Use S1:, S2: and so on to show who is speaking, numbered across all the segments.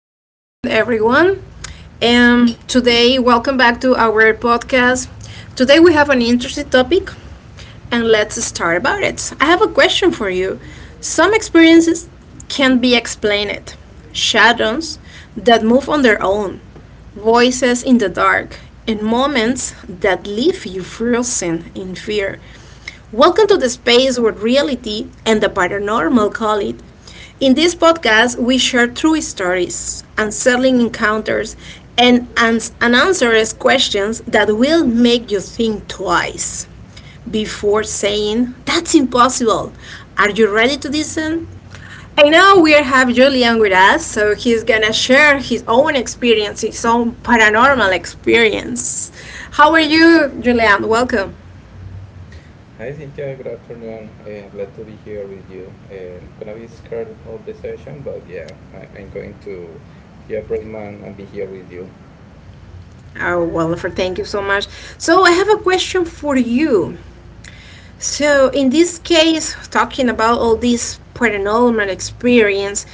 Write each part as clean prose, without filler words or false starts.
S1: good afternoon, everyone. Today, welcome back to our podcast. Today, we have an interesting topic, and let's start about it. I have a question for you. Some experiences can be explained, shadows that move on their own, voices in the dark, and moments that leave you frozen in fear. Welcome to the space where reality and the paranormal call it. In this podcast, we share true stories, unsettling encounters, and unanswered questions that will make you think twice before saying, "That's impossible." Are you ready to listen? I know we have Julian with us, so he's gonna share his own experience, his own paranormal experience. How are you, Julian? Welcome.
S2: Hi Cynthia, good afternoon. Glad to be here with you. Gonna be scared of the session, but yeah, I'm going to be a brave man and be here with you.
S1: Oh, wonderful. Thank you so much. So, I have a question for you. So, in this case, talking about all this paranormal experience,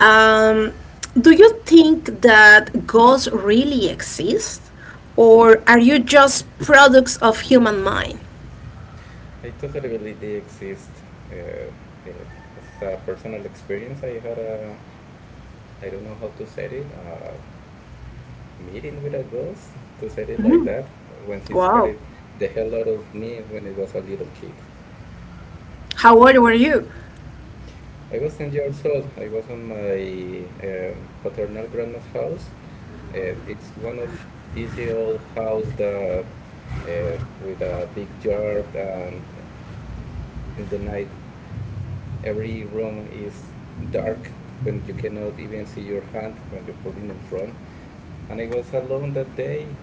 S1: um, do you think that ghosts really exist? Or are you just products of human mind?
S2: I totally believe they exist. Uh, as a personal experience, I don't know how to say it, a meeting with a ghost, to say it like
S1: Mhm.
S2: that, when he
S1: Wow.
S2: scared the hell out of me when I was a little kid.
S1: How old were you?
S2: I was 10 years old. I was on my paternal grandma's house. It's one of these old house that with a big yard and in the night every room is dark when you cannot even see your hand when you put it in front. And I was alone that day.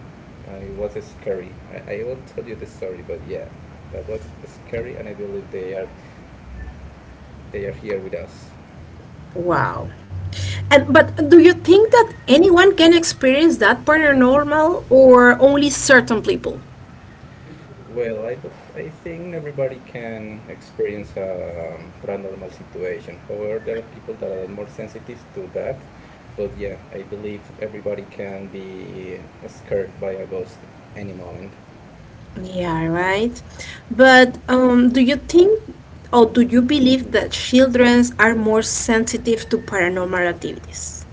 S2: It was scary. I will tell you the story, but yeah, that was scary, and I believe they are here with us.
S1: Wow. And but do you think that anyone can experience that paranormal or only certain people?
S2: Well, I think everybody can experience a paranormal situation. However, there are people that are more sensitive to that. But yeah, I believe everybody can be scared by a ghost any moment.
S1: Yeah, right. But do you think or do you believe that children are more sensitive to paranormal activities?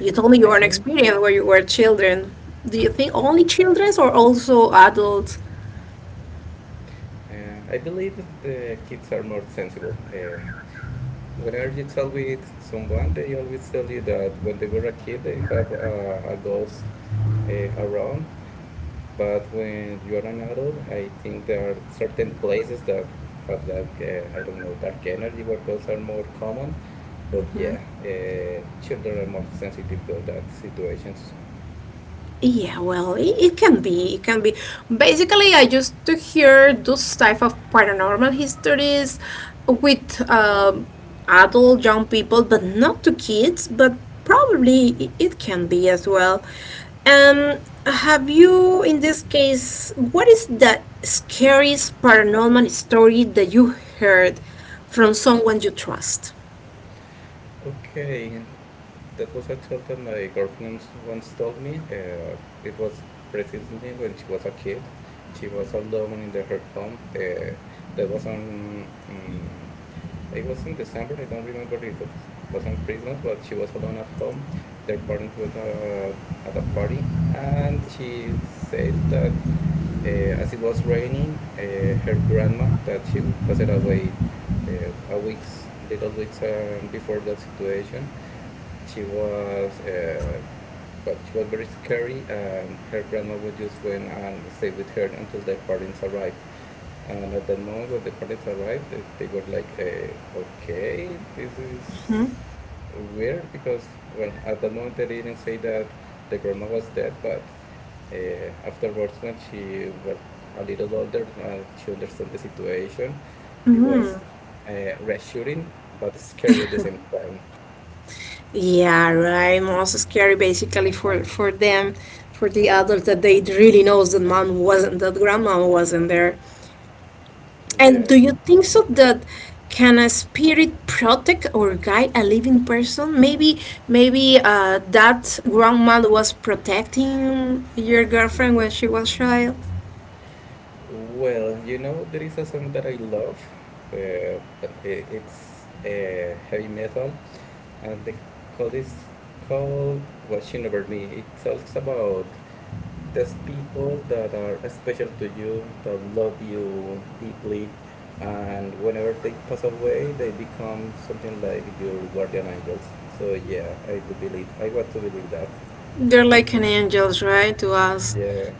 S1: You told me you
S2: I
S1: had an
S2: think,
S1: experience where you were children. Do you think only children or also adults?
S2: I believe the kids are more sensible. Whenever you tell with someone, they always tell you that when they were a kid, they have a ghost uh, around. But when you are an adult, I think there are certain places that have that, I don't know, dark energy where are more common. But yeah, children are more sensitive to that situations.
S1: Yeah, well, it can be. It can be. Basically, I used to hear those type of paranormal histories with adult young people, but not to kids. But probably it can be as well. Um, have you, in this case, what is the scariest paranormal story that you heard from someone you trust?
S2: Okay, that was a tale that my girlfriend once told me. It was precisely when she was a kid. She was alone in her home. There was an It was in December. I don't remember if it was on Christmas, but she was alone at home. Their parents were at a party, and she said that uh, as it was raining, her grandma, that she passed away little weeks before that situation, she was. Well, she was very scary, and her grandma would just went and stay with her until their parents arrived. And at that moment, when the parents arrived, they were like, okay, this
S1: Hmm?
S2: is weird because, well, at that moment, they didn't say that the grandma was dead, but afterwards, when she was a little older, she understood the situation. It was reassuring, but scary at the same time.
S1: Yeah, right. Also scary basically for them, for the adults that they really knows that mom wasn't, that grandma wasn't there. And
S2: Yeah.
S1: do you think so that can a spirit protect or guide a living person? Maybe maybe that grandma was protecting your girlfriend when she was child.
S2: Well, you know, there is a song that I love, it's heavy metal, and the code is called Watching Over Me. It talks about those people that are special to you, that love you deeply, and whenever they pass away, they become something like your guardian angels. So yeah, I do believe, I want to believe that.
S1: They're like an angels, right, to us.
S2: Yeah.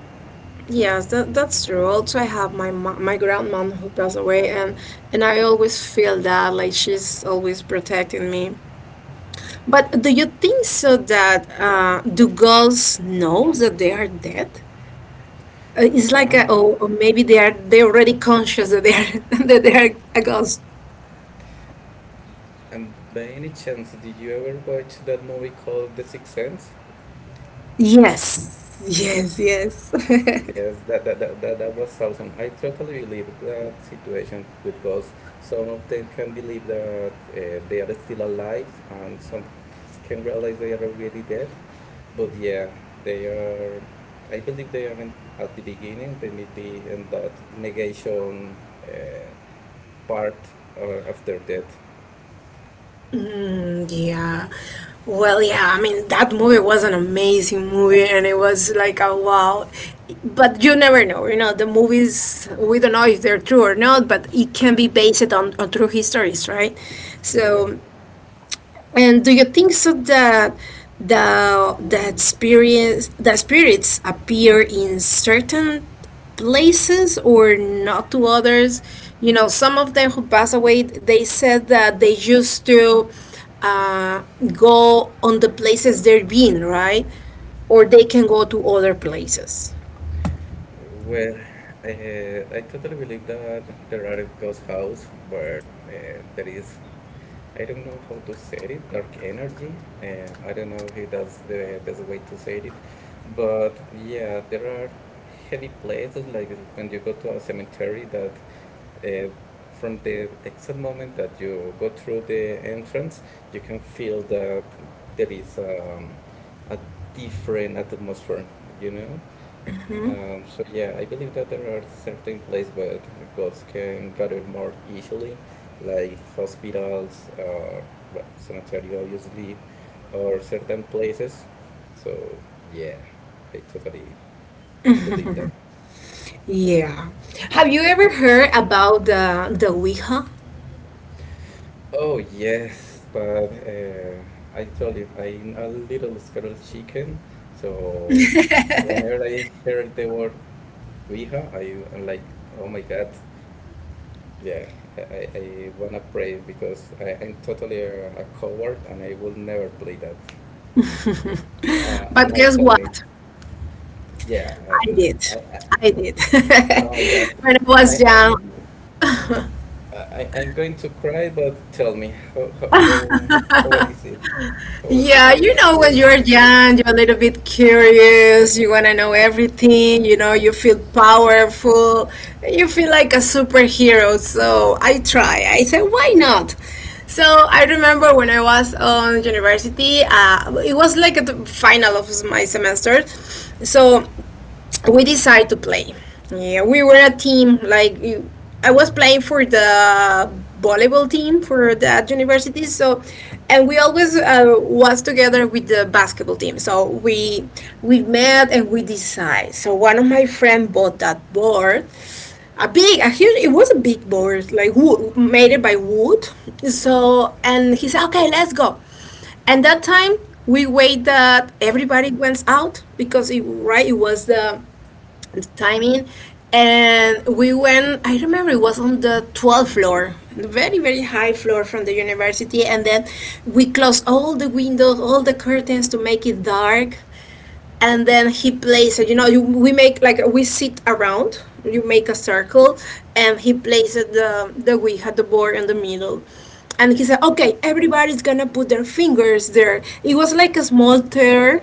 S1: Yes, that that's true. Also, I have my grandmom who passed away, and I always feel that like she's always protecting me. But do you think so that do girls know that they are dead? It's like a,
S2: Ah,
S1: oh, or maybe they are they already conscious that they are that they are a ghost.
S2: and by any chance, did you ever watch that movie called The Sixth Sense?
S1: Yes, yes, yes.
S2: Yes, that was awesome. I totally believe that situation with ghosts. Some of them can believe that they are still alive, and some can realize they are already dead. But yeah, they are. I believe they are in, at the beginning. They may be in that negation uh, part after death.
S1: And yeah. Well, yeah, I mean, that movie was an amazing movie, and it was like a wow. But you never know, you know, the movies, we don't know if they're true or not, but it can be based on true histories, right?
S2: Yeah.
S1: So and do you think so that the that spirits, that spirits appear in certain places or not to others? You know, some of them who pass away, they said that they used to uh, go on the places they've been, right? Or they can go to other places.
S2: Well, uh, I totally believe that there are a ghost house where there is I don't know how to say it, dark energy. I don't know if that's the best way to say it, but yeah, there are heavy places like when you go to a cemetery that uh, from the exact moment that you go through the entrance, you can feel that there is a different atmosphere, you know?
S1: Hmm?
S2: So yeah, I believe that there are certain places where gods can gather more easily, like hospitals or well, cemetery obviously, or certain places. So yeah, I totally believe that.
S1: Yeah. Have you ever heard about the Ouija?
S2: Oh yes, but uh, I told you I'm a little scared of chicken, so whenever I heard the word Ouija, I'm like, oh my God. Yeah, I wanna play it because I'm totally a coward and I will never play that. And
S1: But
S2: now
S1: guess
S2: tell me,
S1: what?
S2: yeah,
S1: I
S2: and
S1: did.
S2: I,
S1: I did.
S2: Oh my God,
S1: When I
S2: I,
S1: was
S2: I,
S1: young,
S2: I'm going to cry, but tell me, how is it? How was it,
S1: yeah,
S2: the
S1: you know, when
S2: situation,
S1: you're
S2: the prince?
S1: young, you're a little bit curious, you want to know everything, you know, you feel powerful, you feel like a superhero. So I try. I said, why not? So I remember when I was on university, it was like at the final of my semester. So we decided to play. Yeah, we were a team. Like I was playing for the volleyball team for that university. So, and we always was together with the basketball team. So we met and we decide. So one of my friend bought that board. A big, a huge. It was a big board, like wood, made it by wood. So, and he said, "Okay, let's go." And that time we wait that everybody went out because it right it was the timing, and we went. I remember it was on the 12th floor, very very high floor from the university, and then we closed all the windows, all the curtains to make it dark. And then he plays, you know, you, we make like we sit around, you make a circle, and he places the ouija, the board in the middle, and he said, "Okay, everybody's gonna put their fingers there." It was like a small tear,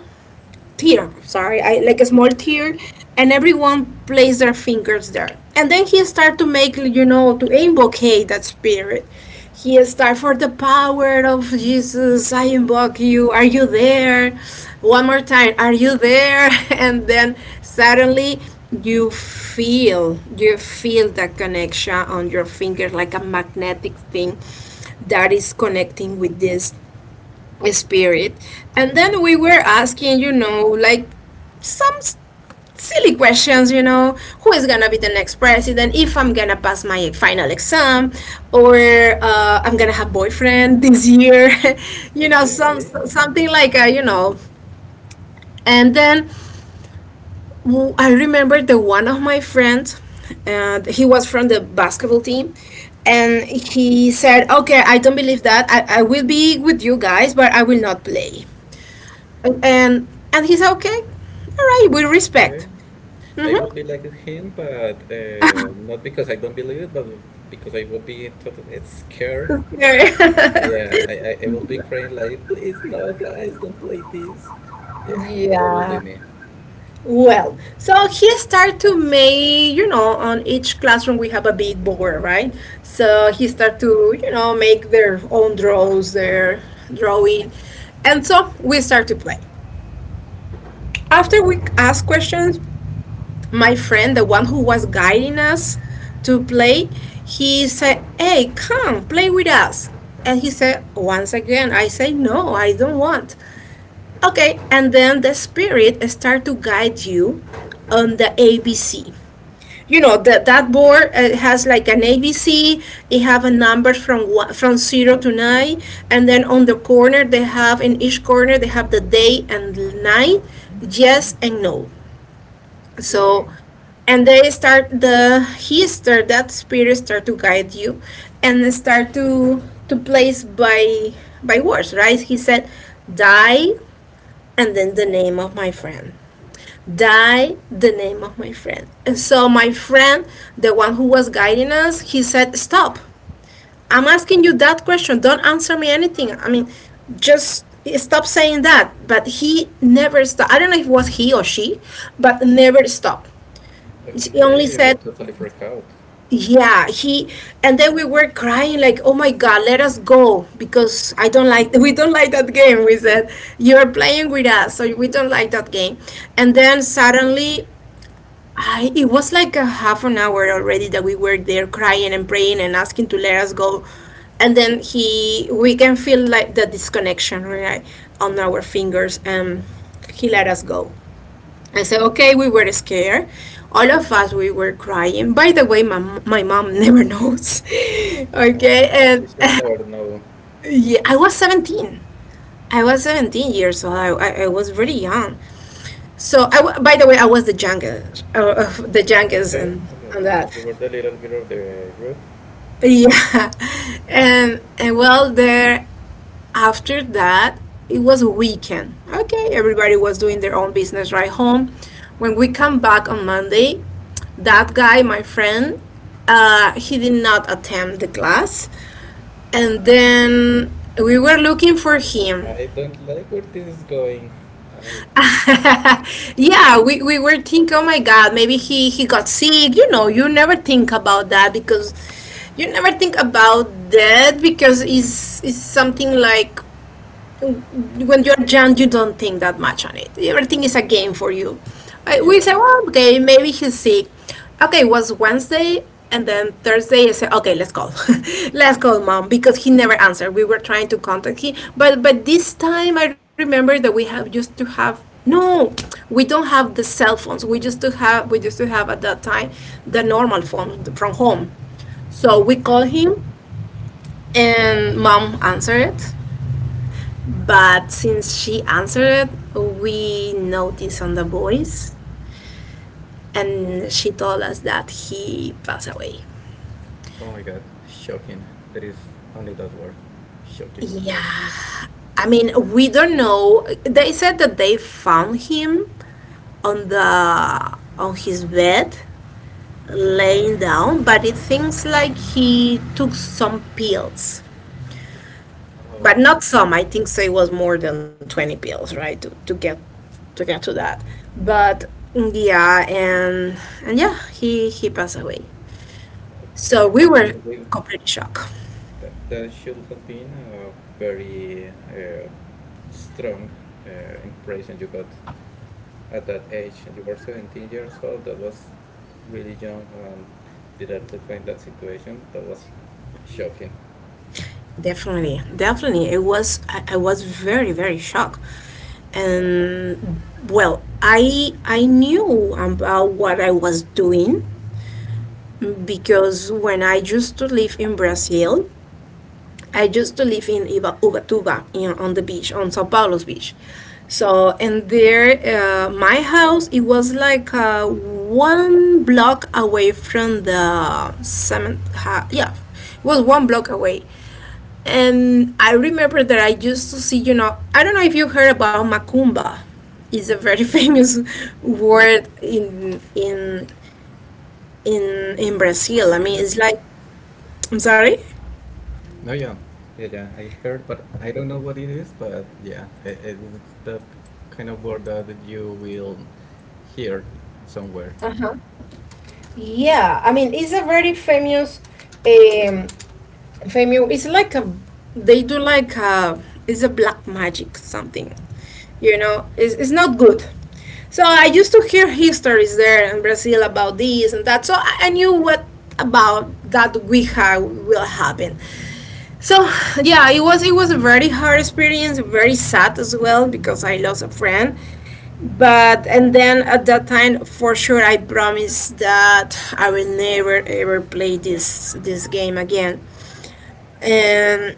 S1: tier, sorry, I, like a small
S2: Yeah.
S1: tier, and everyone plays their fingers there. And then he start to make, you know, to invoke that spirit. He start, "For the power of Jesus, I invoke you. Are you there? One more time, are you there?" And then suddenly, you feel that connection on your finger like a magnetic thing that is connecting with this spirit. And then we were asking, you know, like some s- silly questions, you know, who is gonna be the next president, if I'm gonna pass my final exam, or I'm gonna have boyfriend this year, you know,
S2: Okay.
S1: something like, you know. And then I remember the one of my friends, and he was from the basketball team, and he said, "Okay, I don't believe that. I will be with you guys, but I will not play." and and he said, "Okay, all right, with
S2: Okay.
S1: respect."
S2: I will
S1: Mm-hmm.
S2: be like him, but not because I don't believe it, but because I will be totally scared. Yeah, I will be crying like, please, no, guys, don't play this. Yeah, that will be
S1: Yeah.
S2: me.
S1: Well, so he started to make, you know, on each classroom we have a big board, right? So he started to, you know, make their own draws, their drawing. And so we start to play. After we ask questions, my friend, the one who was guiding us to play, he said, "Hey, come play with us." And he said, "Once again, I say, no, I don't want." Okay, and then the spirit start to guide you on the ABC. You know that that board has like an ABC. They have a number from one, from zero to nine, and then on the corner they have, in each corner they have the day and night, yes and no.
S2: Yeah,
S1: So and they start, the he start that spirit start to guide you, and start to place by words, right? He said, "Die," and then the name of my friend. "Die," the name of my friend. And so my friend, the one who was guiding us, he said, "Stop, I'm asking you that question, don't answer me anything. I mean, just stop saying that." But he never stopped. I don't know if it was he or she, but never stopped. She only
S2: okay, I will
S1: said,
S2: totally freak out.
S1: yeah, he, and then we were crying like, "Oh my God, let us go because I don't like," "we don't like that game." We said, "You're playing with us, so we don't like that game." And then suddenly, I, it was like a half an hour already that we were there crying and praying and asking to let us go. And then he, we can feel like the disconnection, right, on our fingers, and he let us go. I said, okay, we were scared. All of us, we were crying. By the way, my mom never knows.
S2: Uh, uh,
S1: Okay, and
S2: she shall never know.
S1: yeah, I was 17. I was 17 years old. I was really young. So, by the way, I was the youngest, of the youngest,
S2: Okay,
S1: and
S2: okay,
S1: that.
S2: you were the little girl of the group.
S1: Yeah, and well, there after that, it was a weekend. Okay, everybody was doing their own business right home. When we come back on Monday, that guy, my friend, he did not attend the class. And then we were looking for him.
S2: I don't like where this is going. I.
S1: Yeah, we were thinking, "Oh my God, maybe he got sick." You know, you never think about that because it's something like when you're young, you don't think that much on it. Everything is a game for you. I, we
S2: Yeah,
S1: say, well, okay, maybe he's sick. Okay, it was Wednesday, and then Thursday I said, okay, let's call, let's call mom because he never answered. We were trying to contact him, but this time I remember that we have used to have no, we don't have the cell phones. We used to have at that time the normal phone from home. So we called
S2: okay.
S1: him, and mom answered it, but since she answered it, we noticed on the voice, and she told us that he passed away.
S2: Oh my God, shocking. There is only that word. Shocking.
S1: Yeah. I mean, we don't know. They said that they found him on the on his bed laying down, but it seems like he took some pills, but
S2: Oh,
S1: not some. I think so it was more than 20 pills, right? To, to get to that. But yeah, and yeah, he passed away. So
S2: okay.
S1: we were
S2: I think
S1: completely shocked.
S2: that should have been a very strong impression you got at that age. You were 17 years old, that was really young, and directly find that situation. That was shocking.
S1: Definitely, definitely, it was. I was very shocked, and well, I knew about what I was doing because when I used to live in Brazil, I used to live in Ubatuba, on the beach, on Sao Paulo's beach. So, and there, my house, it was like one block away from the cement. Yeah, it was one block away. And I remember that I used to see, you know, I don't know if you heard about Macumba. It's a very famous word in Brazil. I mean, it's
S2: Portuguese.
S1: like, I'm sorry.
S2: No, yeah. I heard, but I don't know what it is. But yeah, it's that kind of word that you will hear somewhere.
S1: Yeah, I mean it's a very famous, um, famous. It's like a they do like a it's a black magic something, you know. It's not good. So I used to hear histories there in Brazil about this and that. So I knew what about that Ouija will happen. So yeah, it was a very hard experience, very sad as well because I lost a friend but and then at that time for sure I promised that I will never ever play this game again and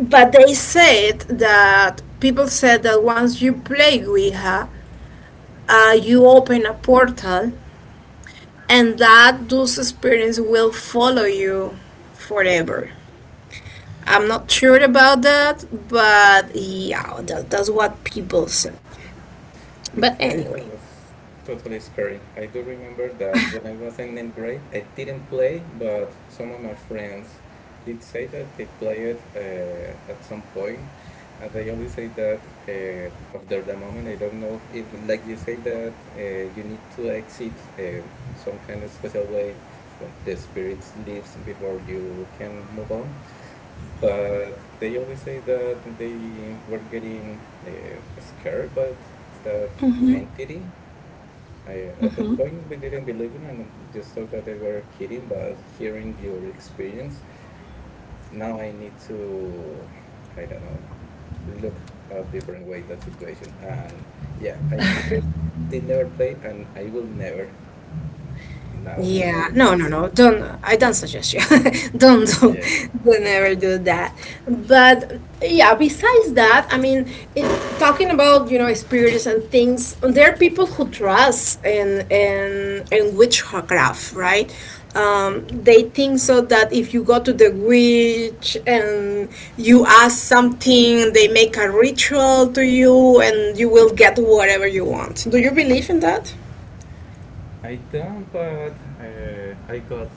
S1: but they said that people said that once you play Ouija, you open a portal and that those experience will follow you forever. I'm not sure about that, but yeah, that's what people said, but
S2: Okay,
S1: anyway.
S2: that was totally scary. I do remember that when I was in ninth grade, I didn't play, but some of my friends did say that they played at some point, and they always say that after the moment. I don't know if, like you say that you need to exit uh, some kind of special way when the spirit leaves before you can move on. But they always say that they were getting scared by that
S1: Hmm.
S2: entity. I, at that point, we didn't believe it and just thought that they were kidding. But hearing your experience, now I need to, I don't know, look a different way that situation. And yeah, I did never play, and I will never now
S1: Yeah,
S2: knowing
S1: no, no,
S2: this.
S1: no. Don't. I don't suggest you. Don't do.
S2: Yeah.
S1: Don't ever do that. But yeah, besides that, I mean, it, talking about you know spirits and things, there are people who trust in witchcraft, right? They think so that if you go to the witch and you ask something, they make a ritual to you, and you will get whatever you want. Do you believe in that?
S2: I don't, but I got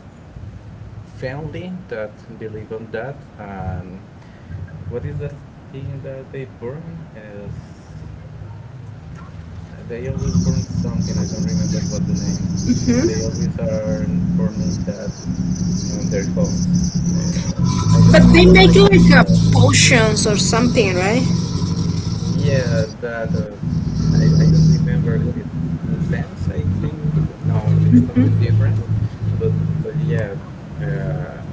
S2: family that believe on that. And what is that thing that they burn? Is they always burn something. I don't remember what the name. They always are burning that on their homes. Uh, I
S1: But
S2: don't. I
S1: they
S2: don't
S1: make
S2: like that
S1: like
S2: smell.
S1: potions or something, right?
S2: Yeah, that. I don't remember. It's incense. I think. No, it's something different. But yeah. Uh,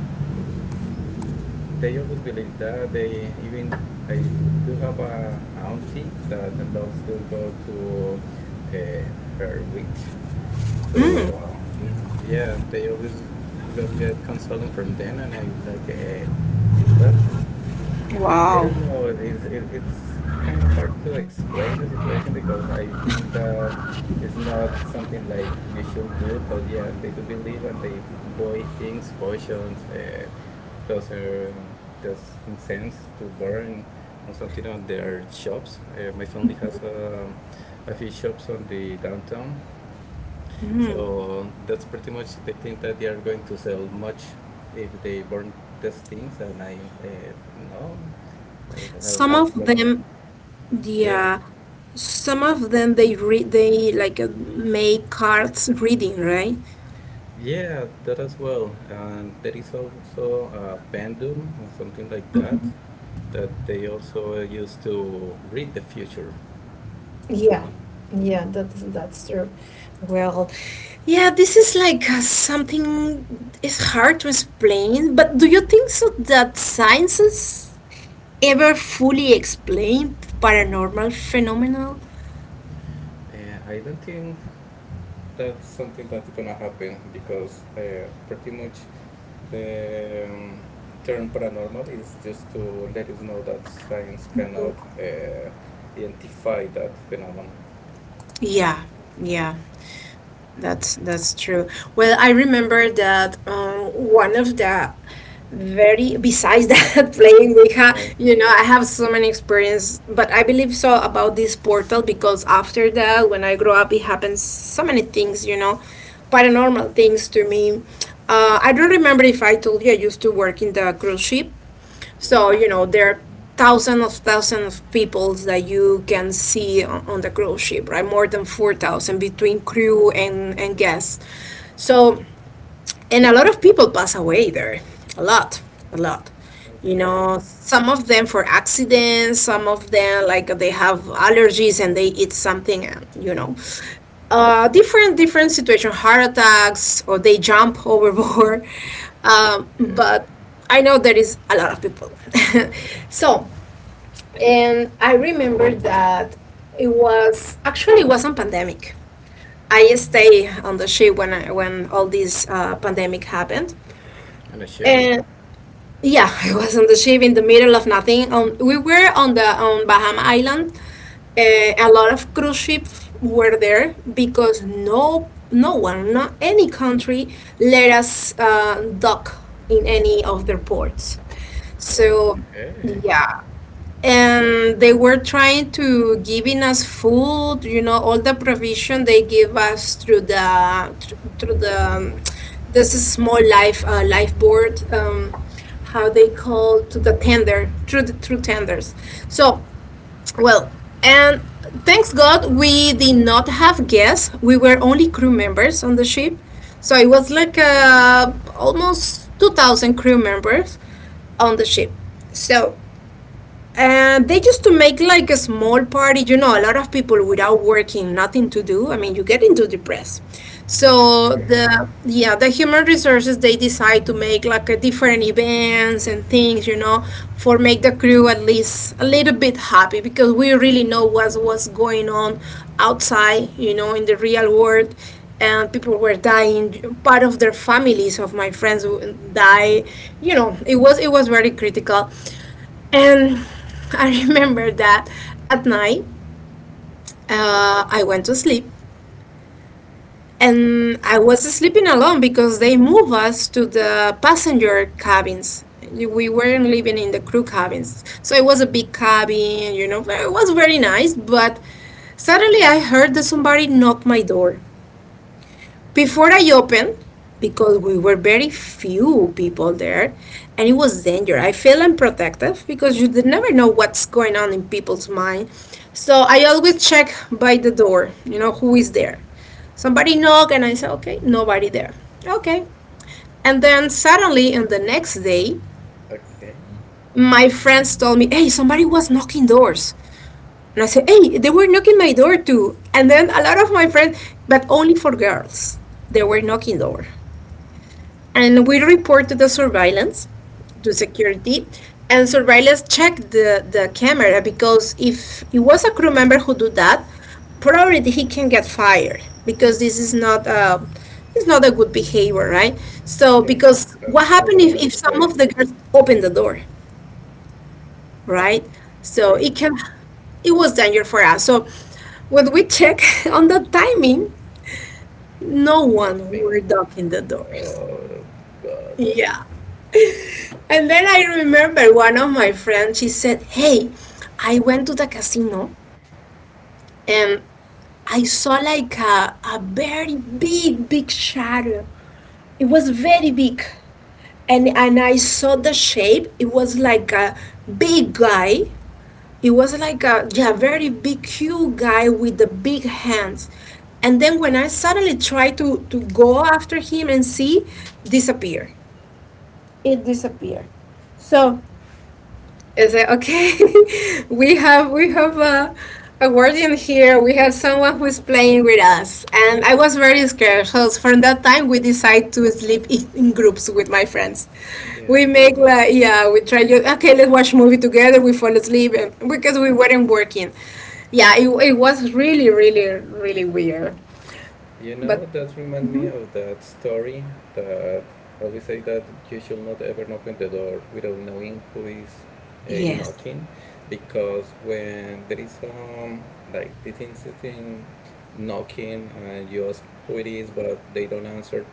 S2: They always believe that. They even I do have a auntie that loves to go to uh, her witch. So um, yeah, they always got get consoling from them, and I like well. I
S1: Wow.
S2: don't know. It's kind of hard to explain the situation because I think that it's not something like you should do. But yeah, they do believe and they buy things, potions, those are those incense to burn on something on their shops. My family has a few shops on the downtown,
S1: Hmm.
S2: so that's pretty much. They think that they are going to sell much if they burn these things, and I no,
S1: Some
S2: as
S1: of
S2: long,
S1: them, the
S2: yeah,
S1: some of them they read they like make cards reading, right?
S2: yeah, that as well. And there is also a pendulum or something like that that they also use to read the future.
S1: Yeah, that, yeah, this is like something it's hard to explain, but do you think so that sciences ever fully explain paranormal phenomena?
S2: I don't think that's something that's gonna happen because pretty much the term paranormal is just to let us know that science cannot identify that phenomenon.
S1: Yeah, yeah. That's true. Well, I remember that one of the very besides that playing Ouija,
S2: Yeah.
S1: you know, I have so many experience, but I believe so about this portal because after that, when I grow up, it happens so many things, you know, paranormal things to me. I don't remember if I told you I used to work in the cruise ship. So you know there are thousands of people that you can see on the cruise ship, right? More than 4,000 between crew and guests. So and a lot of people pass away there, a lot, a lot, you
S2: Okay,
S1: know, some of them for accidents, some of them like they have allergies and they eat something and you know, different situation, heart attacks or they jump overboard.
S2: okay.
S1: But I know there is a lot of people. So and I remember that it was actually it wasn't pandemic. I stay on the ship when all this pandemic happened.
S2: And a ship?
S1: And yeah, I was on the ship in the middle of nothing. We were on the on Bahama Island. A lot of cruise ships were there because no no one, not any country, let us dock in any of their ports. So
S2: Okay.
S1: yeah, and they were trying to giving us food, you know, all the provision they give us through the this is small life life board, how they call to the tender, through the through tenders. So well, and thanks God we did not have guests, we were only crew members on the ship. So it was like almost 2000 crew members on the ship. So and they used to make like a small party, you know, a lot of people without working, nothing to do. I mean, you get into depressed. So the yeah, the human resources they decide to make like a different events and things, you know, for make the crew at least a little bit happy because we really know what was going on outside, you know, in the real world. And people were dying, part of their families, of my friends die, you know, it was very critical. And I remember that at night, I went to sleep and I was sleeping alone because they moved us to the passenger cabins. We weren't living in the crew cabins. So it was a big cabin, you know, but it was very nice. But suddenly I heard that somebody knocked my door. Before I opened, because we were very few people there, and it was dangerous. I feel unprotected because you did never know what's going on in people's mind. So I always check by the door, you know, who is there. Somebody knock, and I say, okay, nobody there. Okay. And then suddenly, on the next day,
S2: Okay.
S1: my friends told me, hey, somebody was knocking doors. And I said, hey, they were knocking my door too. And then a lot of my friends, but only for girls, they were knocking door. And we report to the surveillance, to security, and surveillance check the camera because if it was a crew member who do that, probably he can get fired because this is not it's not a good behavior, right? So
S2: Yeah,
S1: because what
S2: that's not the
S1: happened
S2: moment
S1: if
S2: to
S1: some
S2: play.
S1: of the girls open the door, right? So
S2: Right.
S1: it can it was danger for us. So when we check on the timing, no one
S2: Nothing.
S1: were knocking the door.
S2: Oh God.
S1: Yeah. And then I remember one of my friends, she said, hey, I went to the casino and I saw like a very big, big shadow. It was very big. And I saw the shape. It was like a big guy. It was like a yeah, very big, huge guy with the big hands. And then when I suddenly tried to go after him and see, disappear. It disappeared. So it's like, okay, we have a guardian here. We have someone who's playing with us, and I was very scared. So from that time, we decide to sleep in groups with my friends. We
S2: Yeah.
S1: make like yeah, we try to okay, let's watch movie together. We fall asleep and, because we weren't working. Yeah, it was really weird,
S2: You
S1: but
S2: know, that reminds me of that story that always say that you should not ever open the door without knowing who is
S1: yes,
S2: knocking, because when there is like this insisting knocking and you ask who it is, but they don't answer,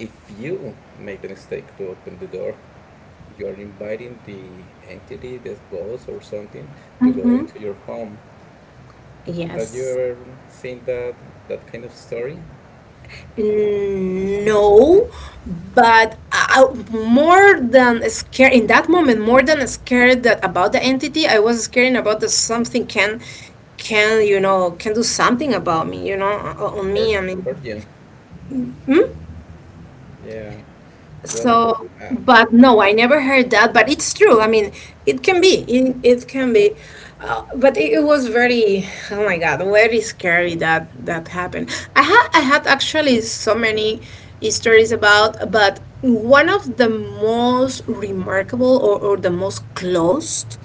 S2: if you make the mistake to open the door, you are inviting the entity, the ghost or something, to go
S1: hmm,
S2: into your home. Have you
S1: yes.
S2: ever seen that that kind of story?
S1: No, but more than scared in that moment, more than scared that about the entity, I was scared about that something can you know, can do something about me, you know, on
S2: Heard
S1: me. I mean,
S2: heard you?
S1: hmm?
S2: Yeah. Well,
S1: So,
S2: uh,
S1: but no, I never heard that, but it's true. I mean, it can be, it can be. But it, it was very, oh my God, very scary that that happened. I had actually so many stories about, but one of the most remarkable or the most closed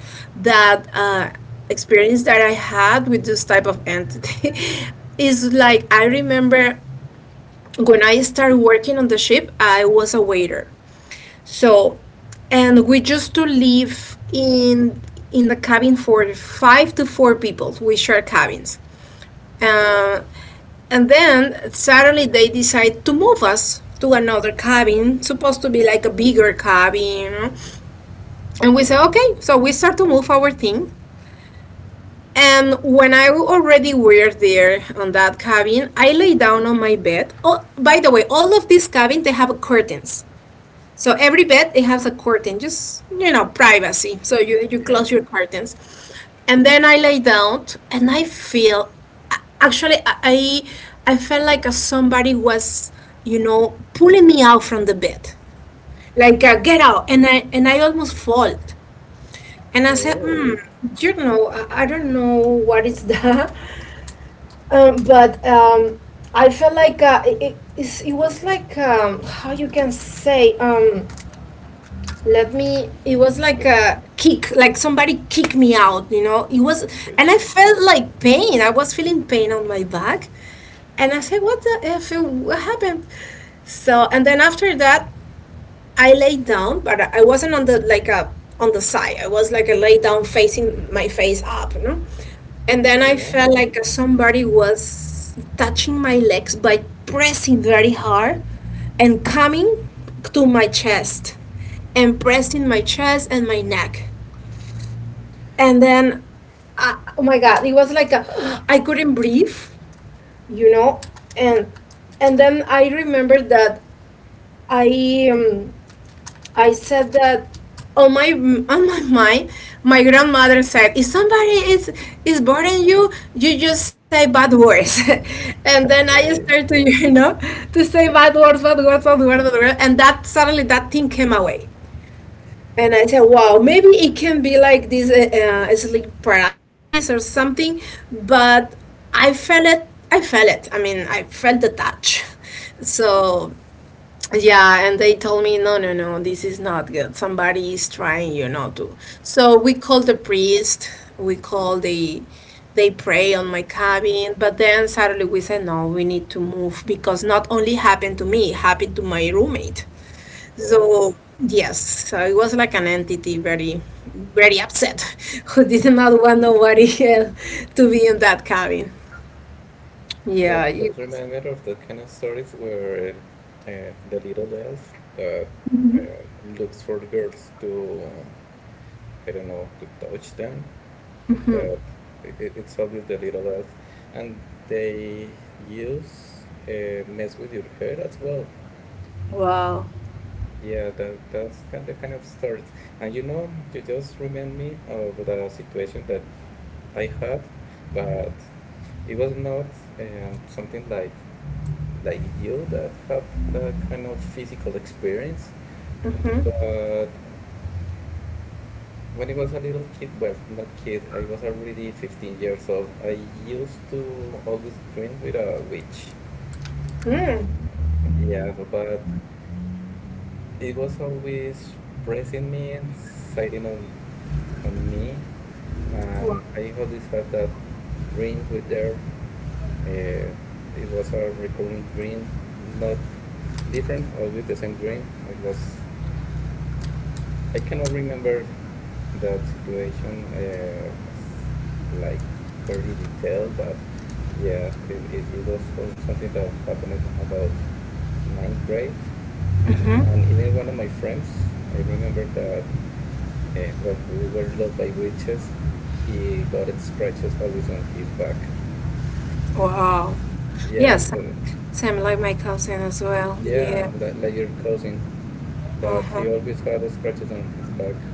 S1: that experience that I had with this type of entity is like I remember when I started working on the ship, I was a waiter so, and we used to live in the cabin for five to four people. We share cabins, uh, and then suddenly they decide to move us to another cabin, supposed to be like a bigger cabin. You know. And we said, okay, so we start to move our thing. And when I already were there on that cabin, I lay down on my bed. Oh, by the way, all of these cabins they have curtains. So every bed it has a curtain, just you know, privacy. So you
S2: yeah.
S1: close your curtains, and then I lay down and I feel, actually I felt like somebody was you know pulling me out from the bed, like get out, and I almost fall, and I said,
S2: Oh.
S1: hmm, you know, I don't know what is that, but I felt like it was like how you can say. Let me It was like
S2: But,
S1: a kick, like somebody kicked me out, you know it was.
S2: so
S1: And I
S2: you,
S1: felt like pain, I was feeling pain on my back, and I said what the f what happened. So and then after that I laid down, but I wasn't on the like a on the side. I was like a lay down, facing my face up, you know. And then I
S2: yeah.
S1: felt like somebody was touching my legs by pressing very hard and coming to my chest and pressing my chest and my neck. And then, oh my God, it was like a, I couldn't breathe, you know. And and then I remembered that I I said that on my mind, my grandmother said, if somebody is bothering you, you just say bad words, and then I started
S2: Okay.
S1: to to say bad words, bad words, bad words, bad words, and that suddenly that thing came away, and I said, wow, maybe it can be like this sleep paralysis or something, but I felt it. I felt it. I mean, I felt the touch. So yeah, and they told me, no, no, no, this is not good. Somebody is trying to. So we called the priest, we called the, they pray on my cabin, but then suddenly we said, no, we need to move because not only happened to me, it happened to my roommate.
S2: Oh.
S1: So, yes, so it was like an entity very, very upset who did not want nobody else to be in that cabin.
S2: That
S1: Yeah. It,
S2: that reminded me of the kind of stories where the little elf that looks for girls to I don't know to touch them.
S1: mhm.
S2: That it's obvious the little elf, and they use mess with your hair as well.
S1: Wow.
S2: Yeah, that that's kind of starts. And you know, you just remind me of the situation that I had, but it was not something like you that had that kind of physical experience.
S1: Mm-hmm.
S2: But when I was a little kid, well, not kid, I was already 15 years old. I used to always dream with a witch.
S1: Mm.
S2: Yeah, but it was always pressing me, sitting on me,
S1: Wow.
S2: and I always had that dream with her. Uh, it was a recurring dream, not different, always the same dream. It was I cannot remember that situation as, like very detailed, but yeah, it was from something that happened about ninth grade,
S1: Mhm.
S2: and even one of my friends. I remember that, well, we were loved by witches. He got it scratches always on his back.
S1: Wow.
S2: Yeah,
S1: Yes, same like my cousin as well.
S2: yeah,
S1: Yeah.
S2: like your cousin, but
S1: Uh-huh.
S2: he always had scratches on his back.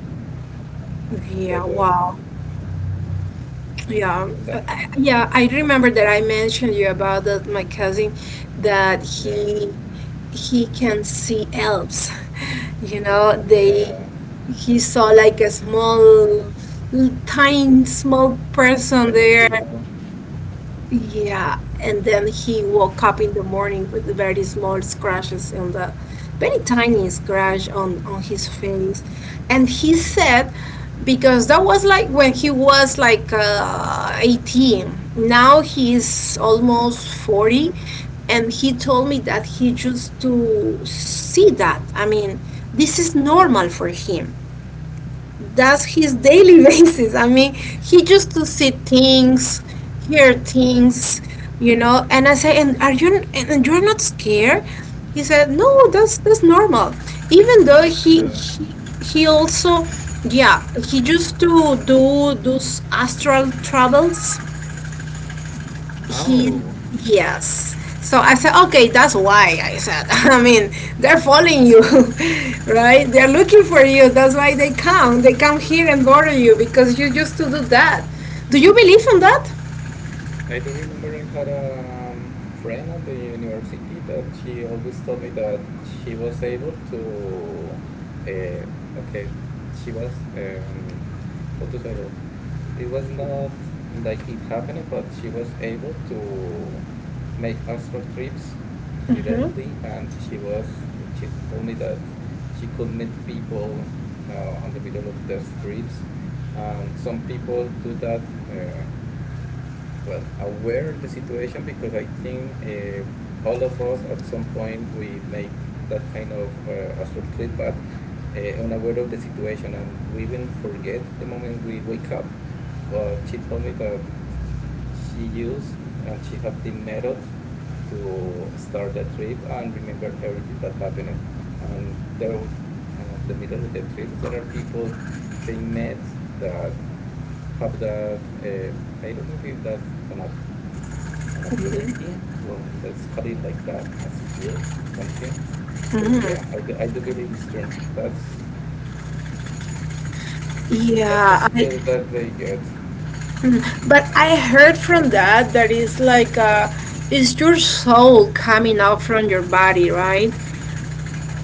S1: Yeah,
S2: That was
S1: wow. Yeah.
S2: that.
S1: Yeah, I remember that I mentioned you about that my cousin that
S2: Yeah,
S1: he can see elves. You know, they
S2: yeah.
S1: he saw like a tiny small person
S2: Tiny
S1: there.
S2: people.
S1: Yeah, and then he woke up in the morning with very small scratches on the very tiny scratch on his face. And he said, because that was like when he was like 18. Now he's almost 40. And he told me that he used to see that. I mean, this is normal for him, that's his daily basis. I mean, he used to see things, hear things, you know. And I say, and are you and you're not scared? He said, no, that's normal. Even though
S2: Yes, too.
S1: he also, yeah, he used to do those astral travels he,
S2: Oh,
S1: yes. So I said, okay, that's why I said. I mean, they're following you, right? They're looking for you. That's why they come. They come here and bother you because you used to do that. Do you believe in that?
S2: I do remember I had a friend at the university that she always told me that she was able to, okay, she was, how to say it, it was not like it happened, but she was able to make astral trips directly, and she told me that she could meet people on the middle of the streets, and some people do that. Well aware of the situation, because I think all of us at some point we make that kind of astral trip, but unaware of the situation, and we even forget the moment we wake up. But she told me that she used, and she had the method to start the trip and remember everything that happened. And there, the middle of the trips, there are people they met that have that, I don't know if that's an ability, well, let's call it like that, a skill, something, but yeah,
S1: Hmm.
S2: I do believe it's true. That's a
S1: Yeah, I,
S2: skill that they get.
S1: but I heard from that that is like it's your soul coming out from your body, right?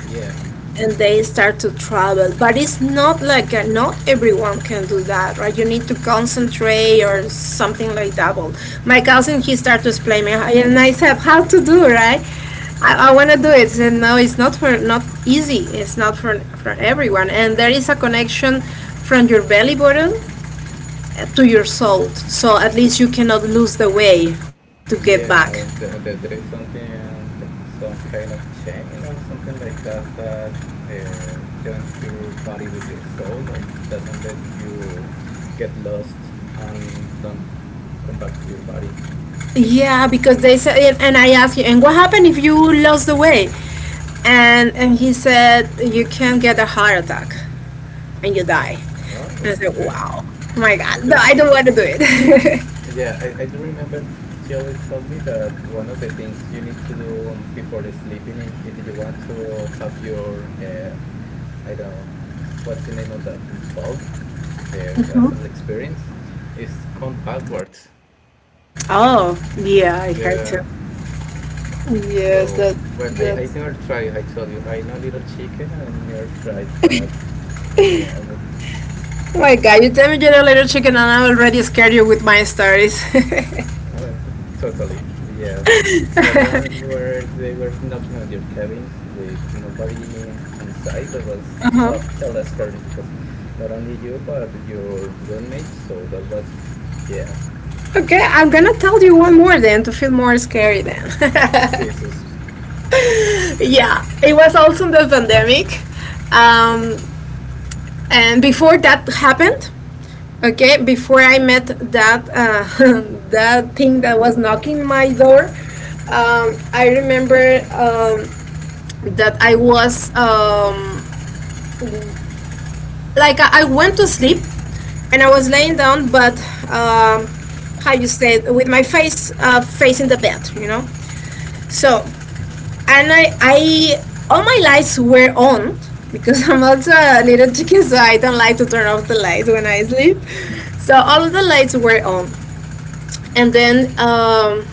S2: Yeah,
S1: And they start to travel, but it's not like not everyone can do that, right? You need to concentrate or something like that. Well, my cousin he started to explain me and I said how to do, right? I want to do it. He said no, it's not for not easy, it's not for everyone, and there is a connection from your belly button to your soul, so at least you cannot lose the way to get back.
S2: yeah, there is something, some kind of chain or something like that that joins your body with your soul, and doesn't let you get lost and don't come back to your body.
S1: Yeah, because they said, and I asked him, and what happened if you lost the weight? And he said you can get a heart attack and you die. And
S2: Oh,
S1: I said,
S2: okay.
S1: wow, oh my
S2: I
S1: God, no,
S2: do re-
S1: I don't want to do it.
S2: yeah, I do remember Shelly told me that one of the things you need to do, before sleeping, if you want to have your, I don't know, what's the name of that, unfold, the astral experience, is count backwards.
S1: Oh, yeah, I heard too.
S2: Yeah,
S1: Yes,
S2: so,
S1: that
S2: well, I
S1: that's.
S2: never tried, I told you, I know Little Chicken, I never tried, but yeah.
S1: Oh my God, you tell me you're a little chicken, and I already scared you with my stories.
S2: Uh, t- Totally, yeah. That one where they were knocking on your cabins with nobody on site, that was hell,
S1: Uh-huh.
S2: hella scary, because not only you but your roommates. So that was, yeah.
S1: Okay, I'm gonna tell you one more then to feel more scary then.
S2: Jesus.
S1: Yeah, it was also the pandemic. Um, and before that happened, okay, before I met that that thing that was knocking my door, I remember um, that I was like I went to sleep and I was laying down, but um, how you say it, with my face facing the bed, you know. So and I all my lights were on because I'm also a little chicken, so I don't like to turn off the lights when I sleep. So all of the lights were on, and then um,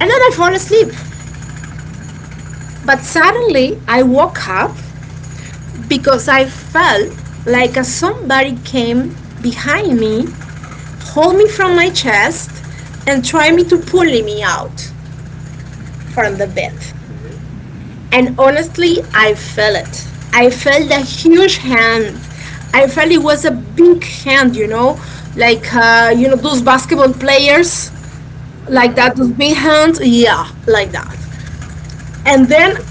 S1: and then I fall asleep. But suddenly I woke up because I felt like a somebody came behind me, hold me from my chest, and try me to pull me out from the bed.
S2: Okay.
S1: And honestly, I felt it. I felt a huge hand. I felt it was a big hand, you know, like you know those basketball players, like
S2: Yeah.
S1: that, those big hands. Yeah, like that. And then
S2: But,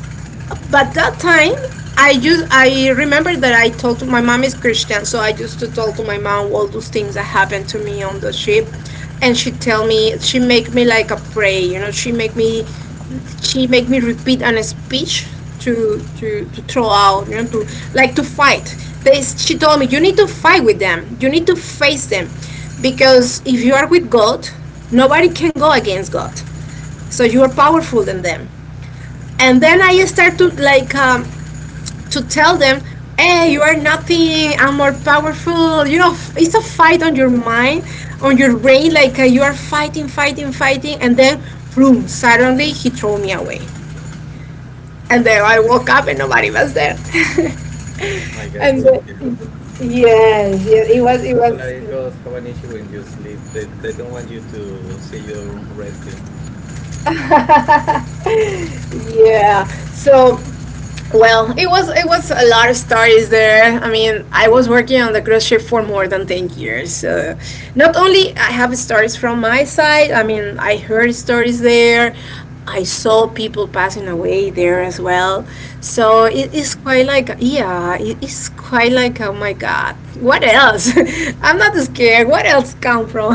S1: but that time, I used I remember that I told to, my mom is Christian, so I used to tell to my mom all those things that happened to me on the ship, and she tell me she make me like a pray, you know, she make me repeat a speech to throw out, you know, to like to fight. They, she told me you need to fight with them, you need to face them, because if you are with God, nobody can go against God. So you are powerful than them. And then I start to like to tell them, hey, you are nothing, I'm more powerful. You know, it's a fight on your mind, on your brain, like you are fighting, fighting, fighting, and then, boom, suddenly he threw me away. And then I woke up and nobody was there.
S2: oh my God,
S1: And then,
S2: Cynthia,
S1: yes, yes, it
S2: it
S1: was, it
S2: seems
S1: was.
S2: like ghosts have an issue when you sleep. They don't want you to see you resting.
S1: Yeah. So well, it was a lot of stories there. I mean, I was working on the cruise ship for more than 10 years. Not only I have stories from my side. I mean, I heard stories there. I saw people passing away there as well. So
S2: Oh.
S1: it is quite like yeah, it is quite like oh my God, what else? I'm not scared. What else come from?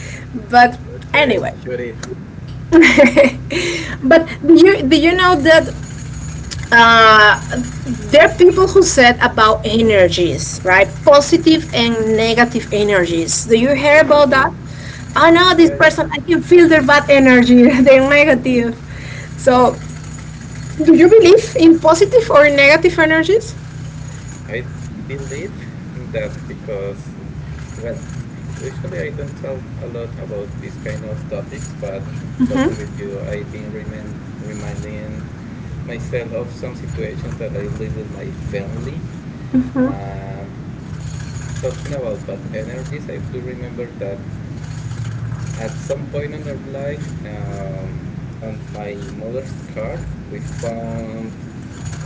S1: But
S2: Okay,
S1: anyway,
S2: shoot it.
S1: but do you know that uh, there are people who said about energies, right? Positive and negative energies. Do you hear
S2: Yeah,
S1: about that? Oh no, this
S2: yeah, yeah.
S1: person, I can feel their bad energy, they're negative. So, do you believe in positive or negative energies?
S2: I believe that because, well, usually I don't talk a lot about these kind of topics, but
S1: Mm-hmm.
S2: talking with you, I've been reminding myself of some situations that I live with my family. And talking about bad energies, I do remember that at some point in our life, on my mother's car, we found,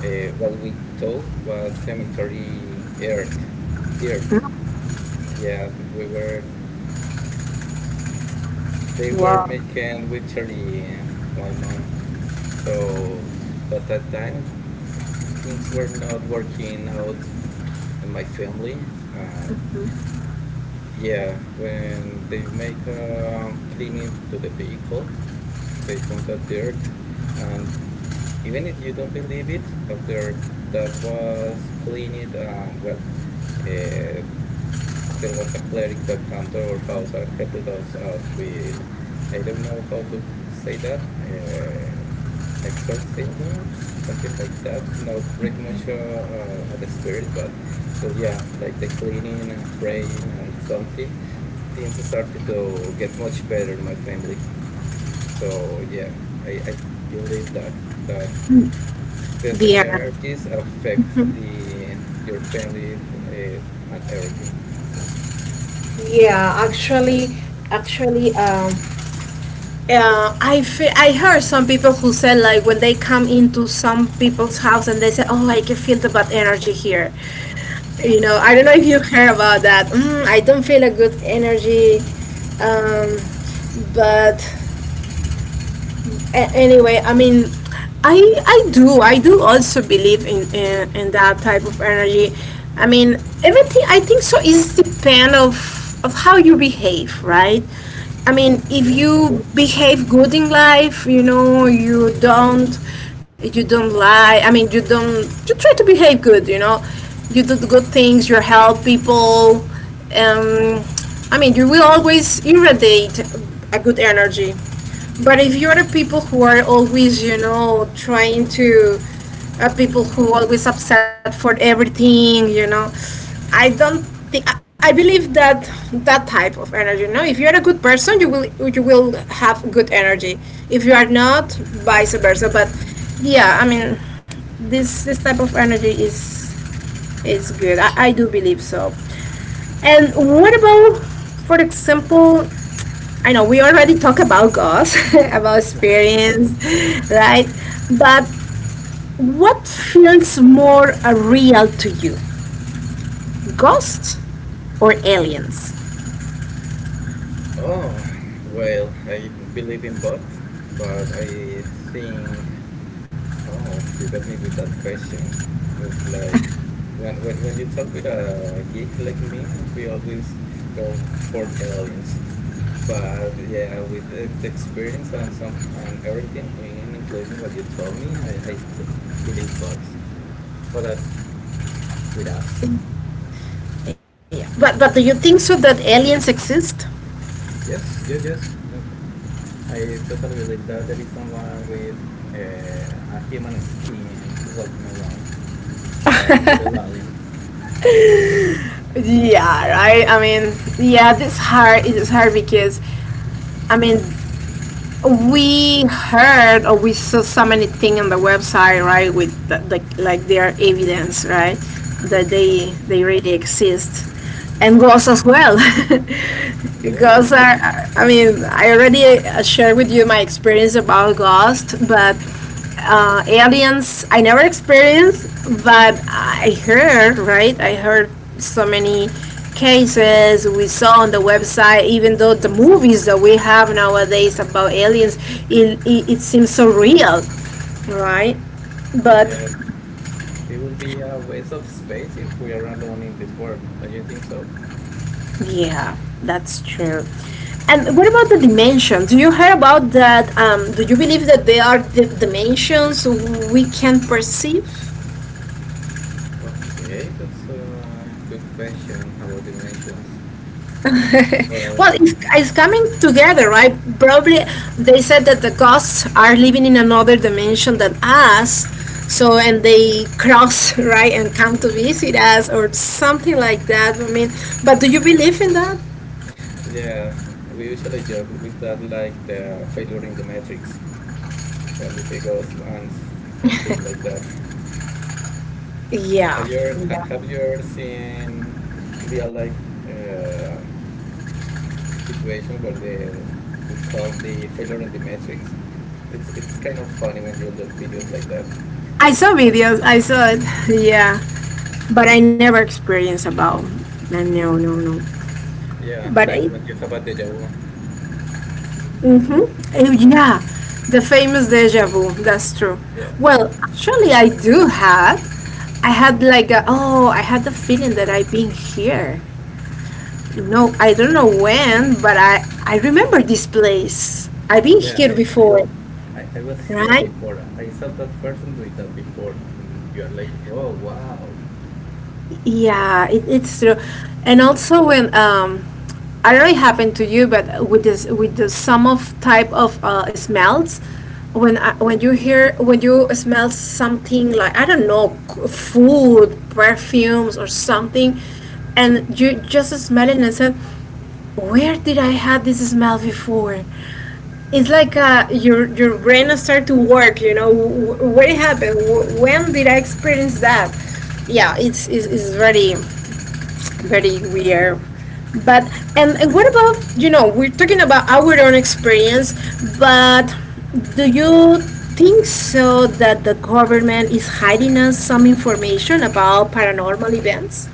S2: what we thought was cemetery earth, dirt. Yeah, they were making witchery to my mom. So, but that time, things were not working out in my family, and yeah, when they make, cleaning to the vehicle, they found that dirt, and even if you don't believe it, after that was cleaned and, well, uh, there was a cleric that came to our house and helped us out with, I don't know how to say that, exorcism, something like that, not pretty much, at the spirit, but yeah, like the cleaning and praying or something, things started to get much better in my family. So yeah, I believe that that these
S1: Yeah.
S2: energies affect the your family, and everything.
S1: Yeah, actually, actually, I heard some people who said like when they come into some people's house and they say, "Oh, I can feel the bad energy here." You know, I don't know
S2: Yeah.
S1: if you heard about that. Mm, I don't feel a good energy. um, but anyway, I mean, I I do also believe in that type of energy. I mean, everything I think so is depend of how you behave, right? I mean, if
S2: Yeah.
S1: you behave good in life, you know, you don't lie. I mean, you don't you try to behave good, you know. You do the good things, you help people. Um, I mean, you will always irradiate a good energy. But if you're the people who are always, you know, trying to, are people who always upset for everything, you know, I don't think I believe that that type of energy. You know, if you're a good person, you will have good energy. If you are not, vice versa. But yeah, I mean, this type of energy is good. I do believe so. And what about, for example, I know we already talk about ghosts, about experience, right? But what feels more real to you, ghosts or aliens?
S2: Oh, well, I believe in both, but I think, oh, you got me with that question. It's like when you talk with a geek like me, we always go for aliens. But yeah, with the experience and some and everything in, including what you told me, I t believe both, but that with us.
S1: Yeah. But do you think so that aliens exist?
S2: Yes, yes, yes. That, I totally believe that there is someone with, a human skin walking around that little alien.
S1: Yeah, right. I mean, yeah, this hard. It is hard because I mean, we heard or we saw so many things on the website, right, with like their evidence, right, that they really exist, and ghosts as well. Ghosts
S2: Yes,
S1: are, I mean, I already shared with you my experience about ghosts, but aliens I never experienced, but I heard, right? I heard so many cases we saw on the website, even though the movies that we have nowadays about aliens, it seems so real, right? But
S2: yes. It will be a waste of space if we are alone in this world. Don't you think so?
S1: yeah, that's true. And what about the dimensions? Do you hear about that? Do you believe that there are the dimensions we can perceive?
S2: Okay, that's a good question about dimensions. But
S1: Well, it's coming together, right? Probably they said that the ghosts are living in another dimension than us. So, and they cross, right, and come to visit us or something like that. I mean, but do you believe in that?
S2: yeah, we usually joke with that like the failure in the matrix when we see ghosts and stuff like that.
S1: Yeah.
S2: Have you ever seen real life, uh, situation where the we call the failure in the matrix? It's kind of funny when you look videos like that.
S1: I saw videos, I saw it, yeah. But I never experienced about, no, no, no. No.
S2: Yeah,
S1: But,
S2: like
S1: I,
S2: when you have a deja vu.
S1: mm-hmm. Oh, yeah, the famous deja vu, that's true.
S2: Yeah,
S1: Well, actually, I do have. I had like a, oh, I had the feeling that I've been here. No, I don't know when, but I remember this place. I've been
S2: yeah.
S1: here
S2: I, I, wa-
S1: before,
S2: I I was here
S1: right?
S2: before. I saw that person doing that before, and you are like, oh wow.
S1: Yeah, it, it's true. And also when I don't know it happened to you, but with this with the some of type of smells, when I, when you hear when you smell something like I don't know food, perfumes or something, and you just smell it and said where did I have this smell before? It's like your brain starts to work. You know, what happened? When did I experience that? Yeah, it's very very weird. But and what about, we're talking about our own experience, but do you think so that the government is hiding us some information about paranormal events?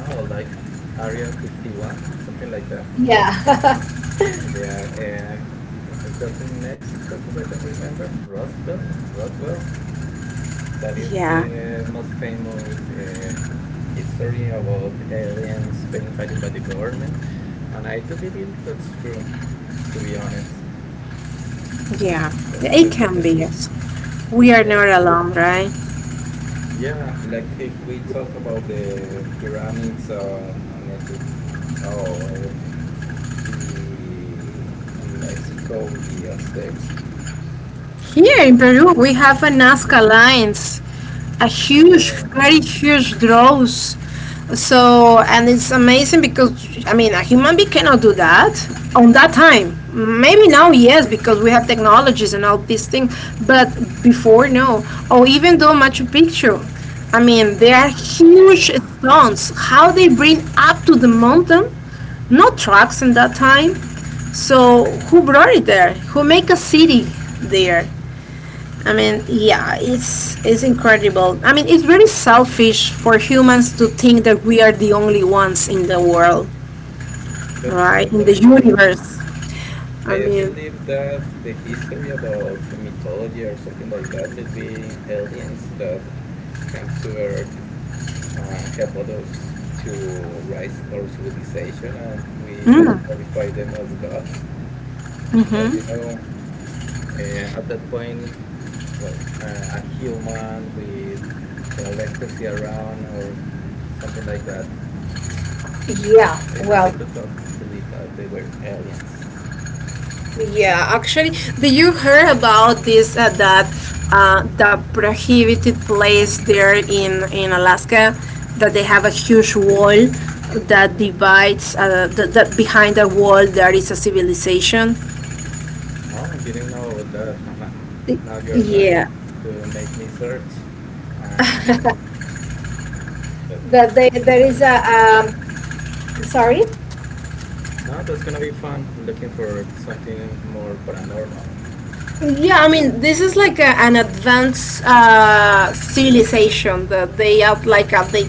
S2: Oh, like Area 51, something like that.
S1: Yeah.
S2: Yeah, that's in Mexico, if I don't remember. Roswell, Roswell. That is
S1: Yeah,
S2: the most famous history about aliens being hidden by the government, and I do believe that's true. To be honest,
S1: yeah,
S2: The- the-
S1: it
S2: the-
S1: can
S2: the-
S1: be. Yes. We are
S2: yeah,
S1: not alone, right?
S2: yeah. And like if we talk about the pyramids, in Egypt, or the in Mexico, the Aztecs.
S1: Here
S2: Oh,
S1: in Peru, we have a Nazca lines, a huge,
S2: yeah.
S1: very huge draws. So, and it's amazing because, I mean, a human being cannot do that on that time. Maybe now, yes, because we have technologies and all these things, but before, no. Or even though Machu Picchu, I mean, they are huge
S2: Yeah,
S1: stones. How they bring up to the mountain, no trucks in that time. So who brought it there? Who make a city there? I mean, yeah, it's incredible. I mean, it's very selfish for humans to think that we are the only ones in the world,
S2: that's
S1: right? In the
S2: totally true.
S1: universe. I
S2: I
S1: mean,
S2: believe that the history about mythology or something like that will be aliens that came to Earth, help us to rise our civilization, and we just
S1: mm,
S2: glorify them as gods. As you
S1: mm-hmm.
S2: know, at that point, well, a human with electricity around or something like that.
S1: Yeah,
S2: I
S1: well,
S2: don't believe that they were aliens.
S1: yeah, actually, do you heard about this that the prohibited place there in Alaska that they have a huge wall that divides that behind the wall there is a civilization.
S2: Oh, didn't know about that. Now you're going
S1: Yeah,
S2: to make me search, and that
S1: that they,
S2: it's
S1: there
S2: gonna
S1: is
S2: be
S1: a
S2: fun.
S1: sorry.
S2: No, that's gonna be fun. Looking for something more paranormal.
S1: Yeah, I mean, this is like a, an advanced civilization that they out like they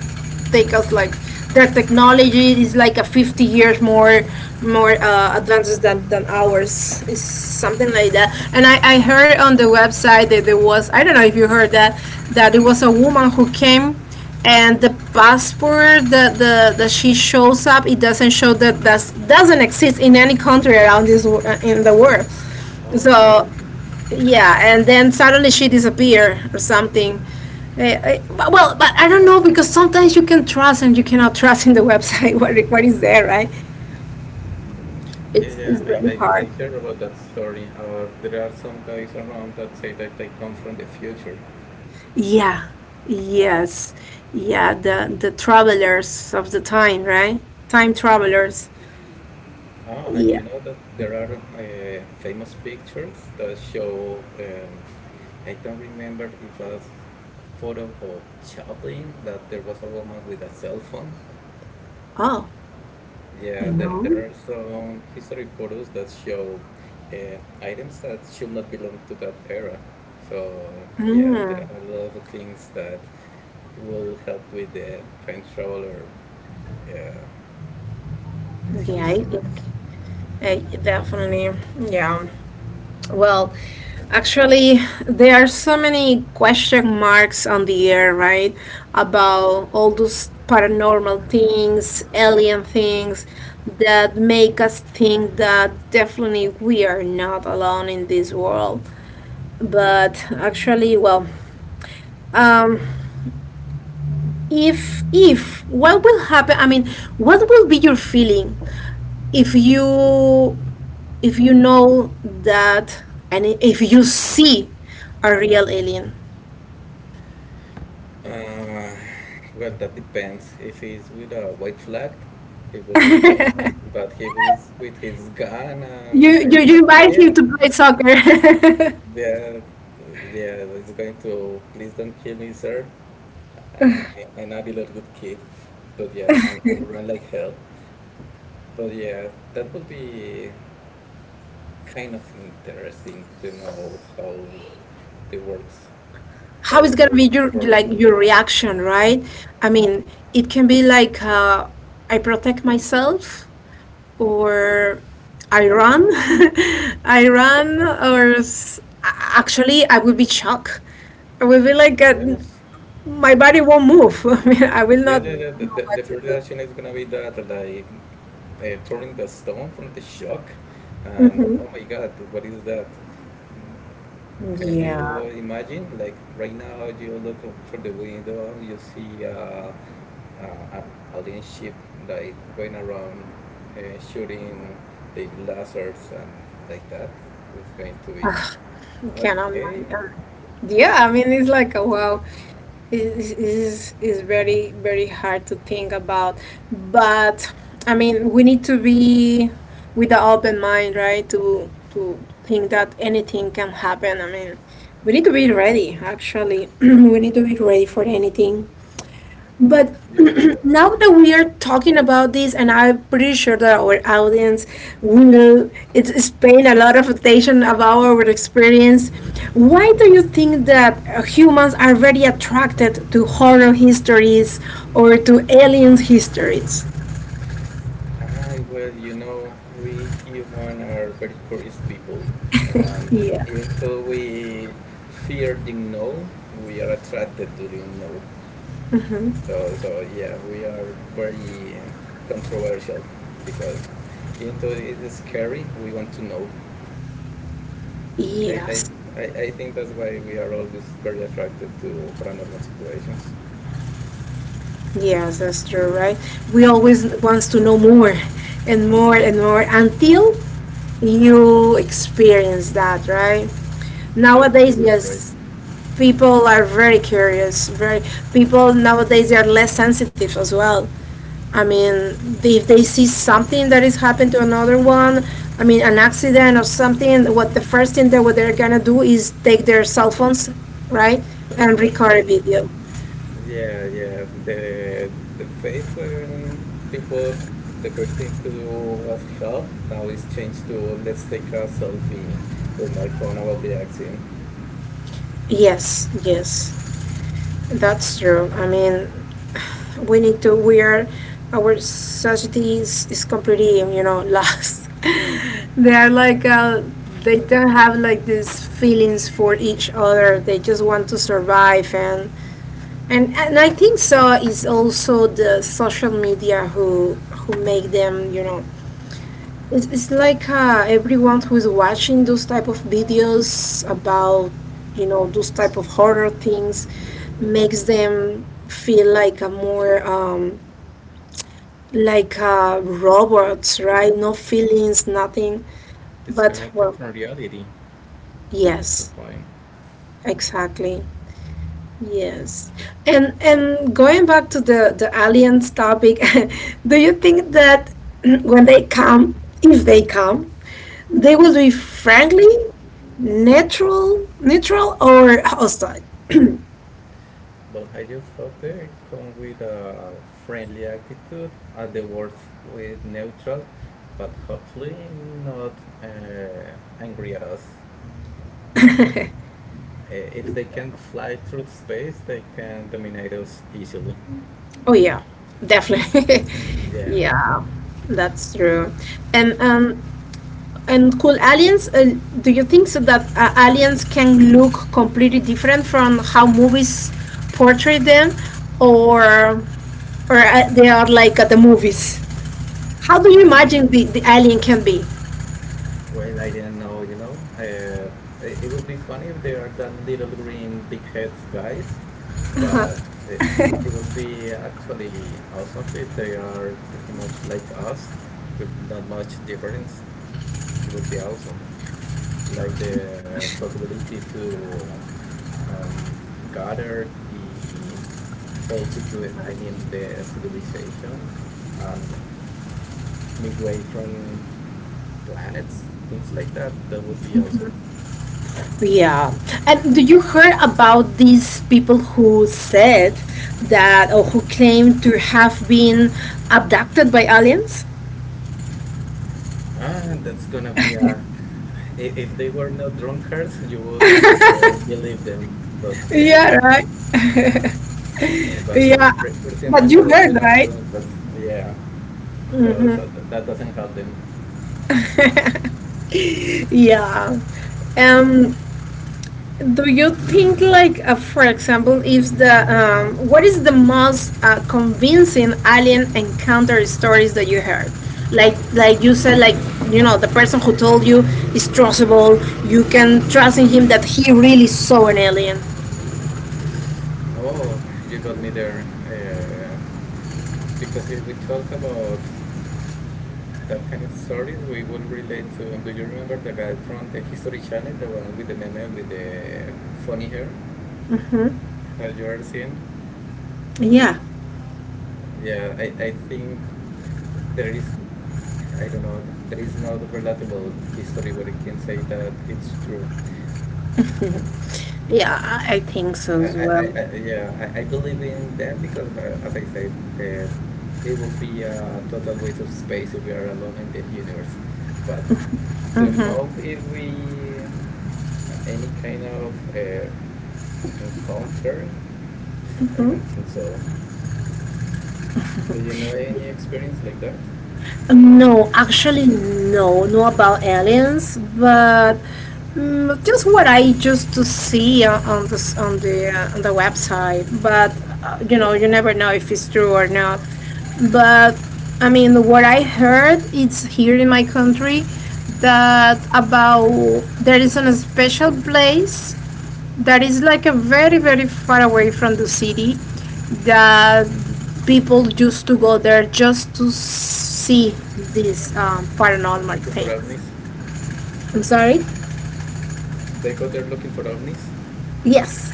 S1: take us like their technology is like a 50 years more advances than ours is something like that. And I heard on the website that there was, I don't know if you heard that, that it was a woman who came, and the passport that the that she shows up, it doesn't show that, that doesn't exist in any country around this wo- in the world.
S2: Oh, yeah,
S1: So yeah, and then suddenly she disappeared or something. Eh, eh, Well, but I don't know, because sometimes you can trust and you cannot trust in the website what is there, right?
S2: yeah,
S1: It's,
S2: yeah.
S1: it's
S2: I,
S1: really
S2: I, I
S1: hard.
S2: heard about that story. There are some guys around that say that they come from the future.
S1: Yeah, yes, yeah, the travelers of the time, right? Time travelers.
S2: Oh, and
S1: Yeah.
S2: you know that there are famous pictures that show, I don't remember if it was a photo of Chaplin, that there was a woman with a cell phone.
S1: Oh, I
S2: Yeah, there,
S1: know.
S2: there are some history photos that show, items that should not belong to that era. So, yeah,
S1: Mm,
S2: there are a lot of things that will help with the time traveler, uh,
S1: yeah,
S2: histories.
S1: definitely. Yeah. Well, actually, there are so many question marks on the air, right? About all those paranormal things, alien things that make us think that definitely we are not alone in this world. But actually, well, um, if what will happen? I mean, what will be your feeling if you, if you know that, and if you see a real alien.
S2: Uh, well, that depends. If he's with a white flag, he will be welcome. But if he's with his gun
S1: You
S2: and, I
S1: you
S2: mean,
S1: you
S2: a
S1: invite him
S2: nail,
S1: to play soccer.
S2: that, yeah, it's going to, please don't kill me, sir. I'm not a little good kid, but yeah, and run like hell. But yeah, that would be kind of interesting to know it works, how
S1: How is
S2: it
S1: gonna be
S2: works
S1: your
S2: for.
S1: like your reaction, right? I mean, it can be like, I protect myself, or I run. I run or s-, actually I will be shocked. I will be like,
S2: Yes.
S1: my body won't move. I mean, I will
S2: Yeah,
S1: not
S2: yeah, yeah. The,
S1: know
S2: the,
S1: what
S2: the
S1: to
S2: first
S1: do.
S2: reaction is gonna be that, like, turning the stone from the shock, and,
S1: Mhm.
S2: oh my God, what is that? Can
S1: Yeah.
S2: you imagine? Like right now, you look up through the window and you see, an alien ship like going around, shooting the lasers and like that. It's going to be
S1: Ah, I cannot
S2: okay.
S1: mind. Yeah, I mean, it's like a
S2: Yeah,
S1: wow. Is very very hard to think about, but I mean, we need to be with an open mind, right? To think that anything can happen. I mean, we need to be ready. Actually, we need to be ready for anything. But
S2: yeah.
S1: now that we are talking about this, and I'm pretty sure that our audience will, it's paying a lot of attention about our experience. Why do you think that humans are very attracted to horror histories or to aliens histories?
S2: I, well, we human are very curious people, and
S1: Yeah.
S2: even though we fear the unknown, we are attracted to the unknown. So, so yeah, we are very, controversial, because even though it is scary, we want to know. I, I,
S1: Yes,
S2: I think that's why we are always very attracted to paranormal situations.
S1: yes, that's true, right? We always wants to know more, and more and more until you experience that, right?
S2: That's
S1: Nowadays,
S2: totally right.
S1: yes, people are very curious. Very people nowadays they are less sensitive as well. I mean, if they see something that is happened to another one, I mean, an accident or something, what the first thing that what they're gonna do is take their cell phones, right, and record a
S2: Right.
S1: video.
S2: Yeah, yeah. The phase when people the first thing to do was help. Now it's changed to, let's take a selfie with my phone about the accident.
S1: Yes, yes, that's true. I mean, we need to, we are, our society is completely, you know, lost. They are like, they don't have like these feelings for each other. They just want to survive, and I think so is also the social media who make them, you know, it's like everyone who is watching those type of videos about, you know, those type of horror things makes them feel like a more like
S2: Dis
S1: robots, right? No feelings, nothing. But
S2: disconnected
S1: well,
S2: from reality. That's the
S1: yes,
S2: point.
S1: exactly. Yes. And going back to the aliens topic, do you think that when they come, if they come, they will be friendly, neutral, neutral or hostile?
S2: But I just hope they come with a friendly attitude, at the worst with neutral, but hopefully not, angry at us, because, if they can fly through space, they can dominate us easily.
S1: Oh yeah, definitely.
S2: Yeah.
S1: Yeah, that's true. And um, and cool aliens, do you think so that aliens can look completely different from how movies portray them, or or they are like at the movies? How do you
S2: And
S1: imagine the alien can be?
S2: well, I didn't know, you know. It would be funny if they are that little green big heads guys, but, uh, it will be actually awesome if they are pretty much like us with not much difference. It would be awesome. Like the, possibility to, um, gather the whole situ I mean the civilization, and migrate from planets, things like that, that would be awesome.
S1: Yeah. And do you heard about these people who said that, or who claim to have been abducted by aliens?
S2: Ah, that's gonna be a. i- If they were not drunkards, you would, believe them. But yeah,
S1: Yeah, right.
S2: but
S1: Yeah.
S2: pretty
S1: But
S2: much
S1: you
S2: all of
S1: heard,
S2: them are
S1: right?
S2: drunkards. Yeah, so
S1: Hmm.
S2: so that doesn't help them.
S1: Yeah. Um, do you think, like, for example, if the what is the most convincing alien encounter stories that you heard? Like you said, like, you know, the person who told you is trustable. You can trust in him that he really saw an alien.
S2: Oh, you got me there. Because if we talk about that kind of stories, we will relate to. Do you remember the guy from the History Channel, the one with the meme with the funny hair?
S1: Hmm.
S2: Have you ever seen?
S1: Yeah,
S2: Yeah, I think there is, I don't know, there is not relatable history where you can say that it's true.
S1: yeah, I think so as well.
S2: Yeah, I believe in them because, as I said, the, it will be a total waste of space if we are alone in the universe. But to know if we, any kind of encounter, I don't think so. Do you know any experience like that?
S1: No, actually, no, no about aliens, but mm, just what I used to see on the s- on the website. But you know, you never know if it's true or not. But I mean, what I heard, it's here in my country that about there is a special place that is like a very very far away from the city that people used to go there just to see these paranormal
S2: Looking for
S1: things.
S2: ovnis?
S1: I'm sorry.
S2: They go there looking for ovnis?
S1: Yes.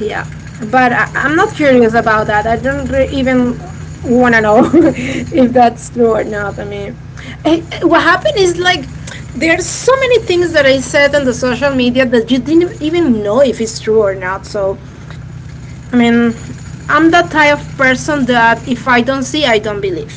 S1: Yeah, but I, I'm
S2: Yeah.
S1: not curious about that. I don't re-, even want to know if that's true or not. I mean, what happened is like, there are so many things that I said on the social media that you didn't even know if it's true or not. So I mean, I'm that type of person that if I don't see, I don't believe.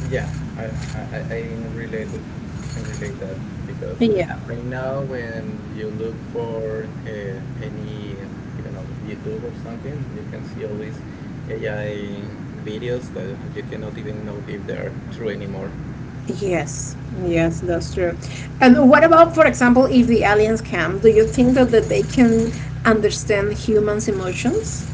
S2: Yeah, I can relate it. I can relate that because
S1: Yeah.
S2: right now when you look for, any, I don't know, YouTube or something, you can see all these AI videos that you cannot even know if they are true anymore.
S1: Yes. Yes, that's true. And what about, for example, if the aliens come? Do you think that, that they can understand humans' emotions?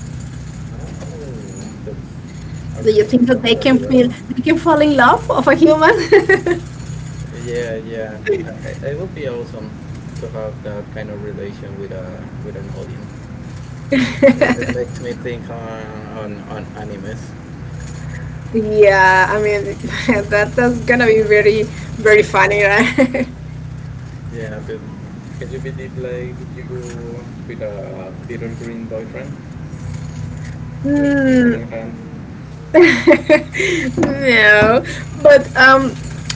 S2: Oh, that's a
S1: Do you
S2: really
S1: think
S2: good
S1: that they
S2: topic as
S1: can feel,
S2: well.
S1: they can fall in love of a human?
S2: Yeah, yeah. It would be awesome to have that kind of relation with an alien. It makes me think on on animes.
S1: Yeah, I mean, that that's gonna be very very funny, right?
S2: Yeah, can you believe, like you with a little green boyfriend walking
S1: Hmm.
S2: hand in hand?
S1: No, but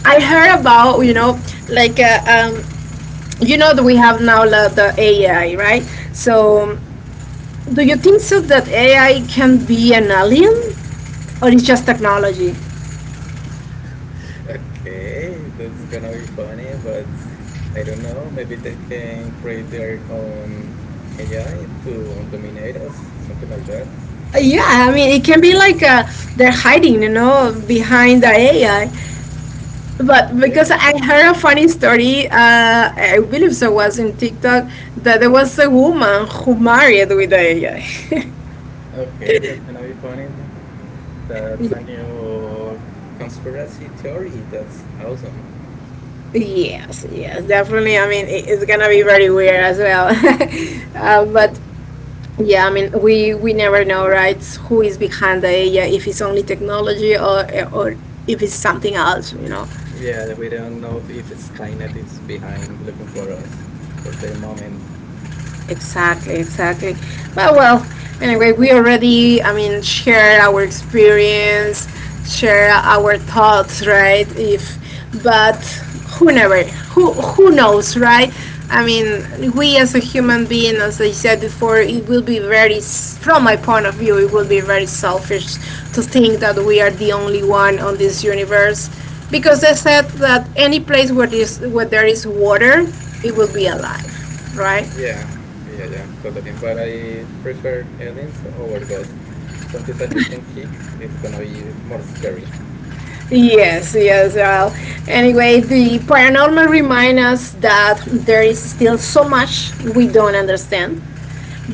S1: I heard about, you know, like, you know that we have now la- the AI, right? So, do you think so that AI can be an alien or it's just technology?
S2: Okay, that's gonna be funny, but I don't know. Maybe they can create their own AI to dominate us, something like that.
S1: Yeah, I mean it can be like, they're hiding, you know, behind the AI. But because
S2: Yeah.
S1: I heard a funny story, I believe so was in TikTok that there was a woman who married with the AI.
S2: Okay, that's gonna be funny. That's a new conspiracy theory. That's awesome.
S1: Yes, yes, definitely. I mean, it- it's gonna be very weird as well.
S2: Yeah.
S1: But yeah, I mean, we never know, right? Who is behind the AI? If it's only technology, or if it's something else, you know.
S2: Yeah, we don't know if Skynet is behind looking for us for their moment.
S1: Exactly, exactly. But well, anyway, we already, I mean, share our experience, share our thoughts, right? If, but who never, who knows, right? I mean, we as a human being, as I said before, it will be very, s- from my point of view, it will be very selfish to think that we are the only one on this universe, because they said that any place where this, where there is water, it will be alive, right?
S2: Yeah, yeah, yeah, totally. But I prefer aliens over ghosts. Something that you can kick is gonna be more scary.
S1: Yes, yes. Well, anyway, the paranormal reminds us that there is still so much we don't understand.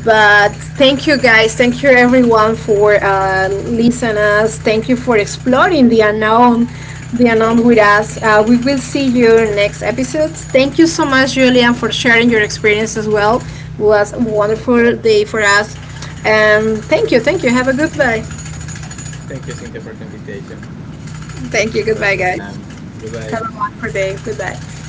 S1: But thank you guys, thank you everyone for listening us. Thank you for exploring the unknown with us. We will see you next episode. Thank you so much, Julian, for sharing your experience as well. It was a wonderful day for us, and thank you, thank you. Have a good day.
S2: Thank you, Cynthia, for the invitation.
S1: Thank you.
S2: Have a
S1: Goodbye,
S2: good
S1: guys.
S2: time. Goodbye.
S1: Have a wonderful day. Goodbye.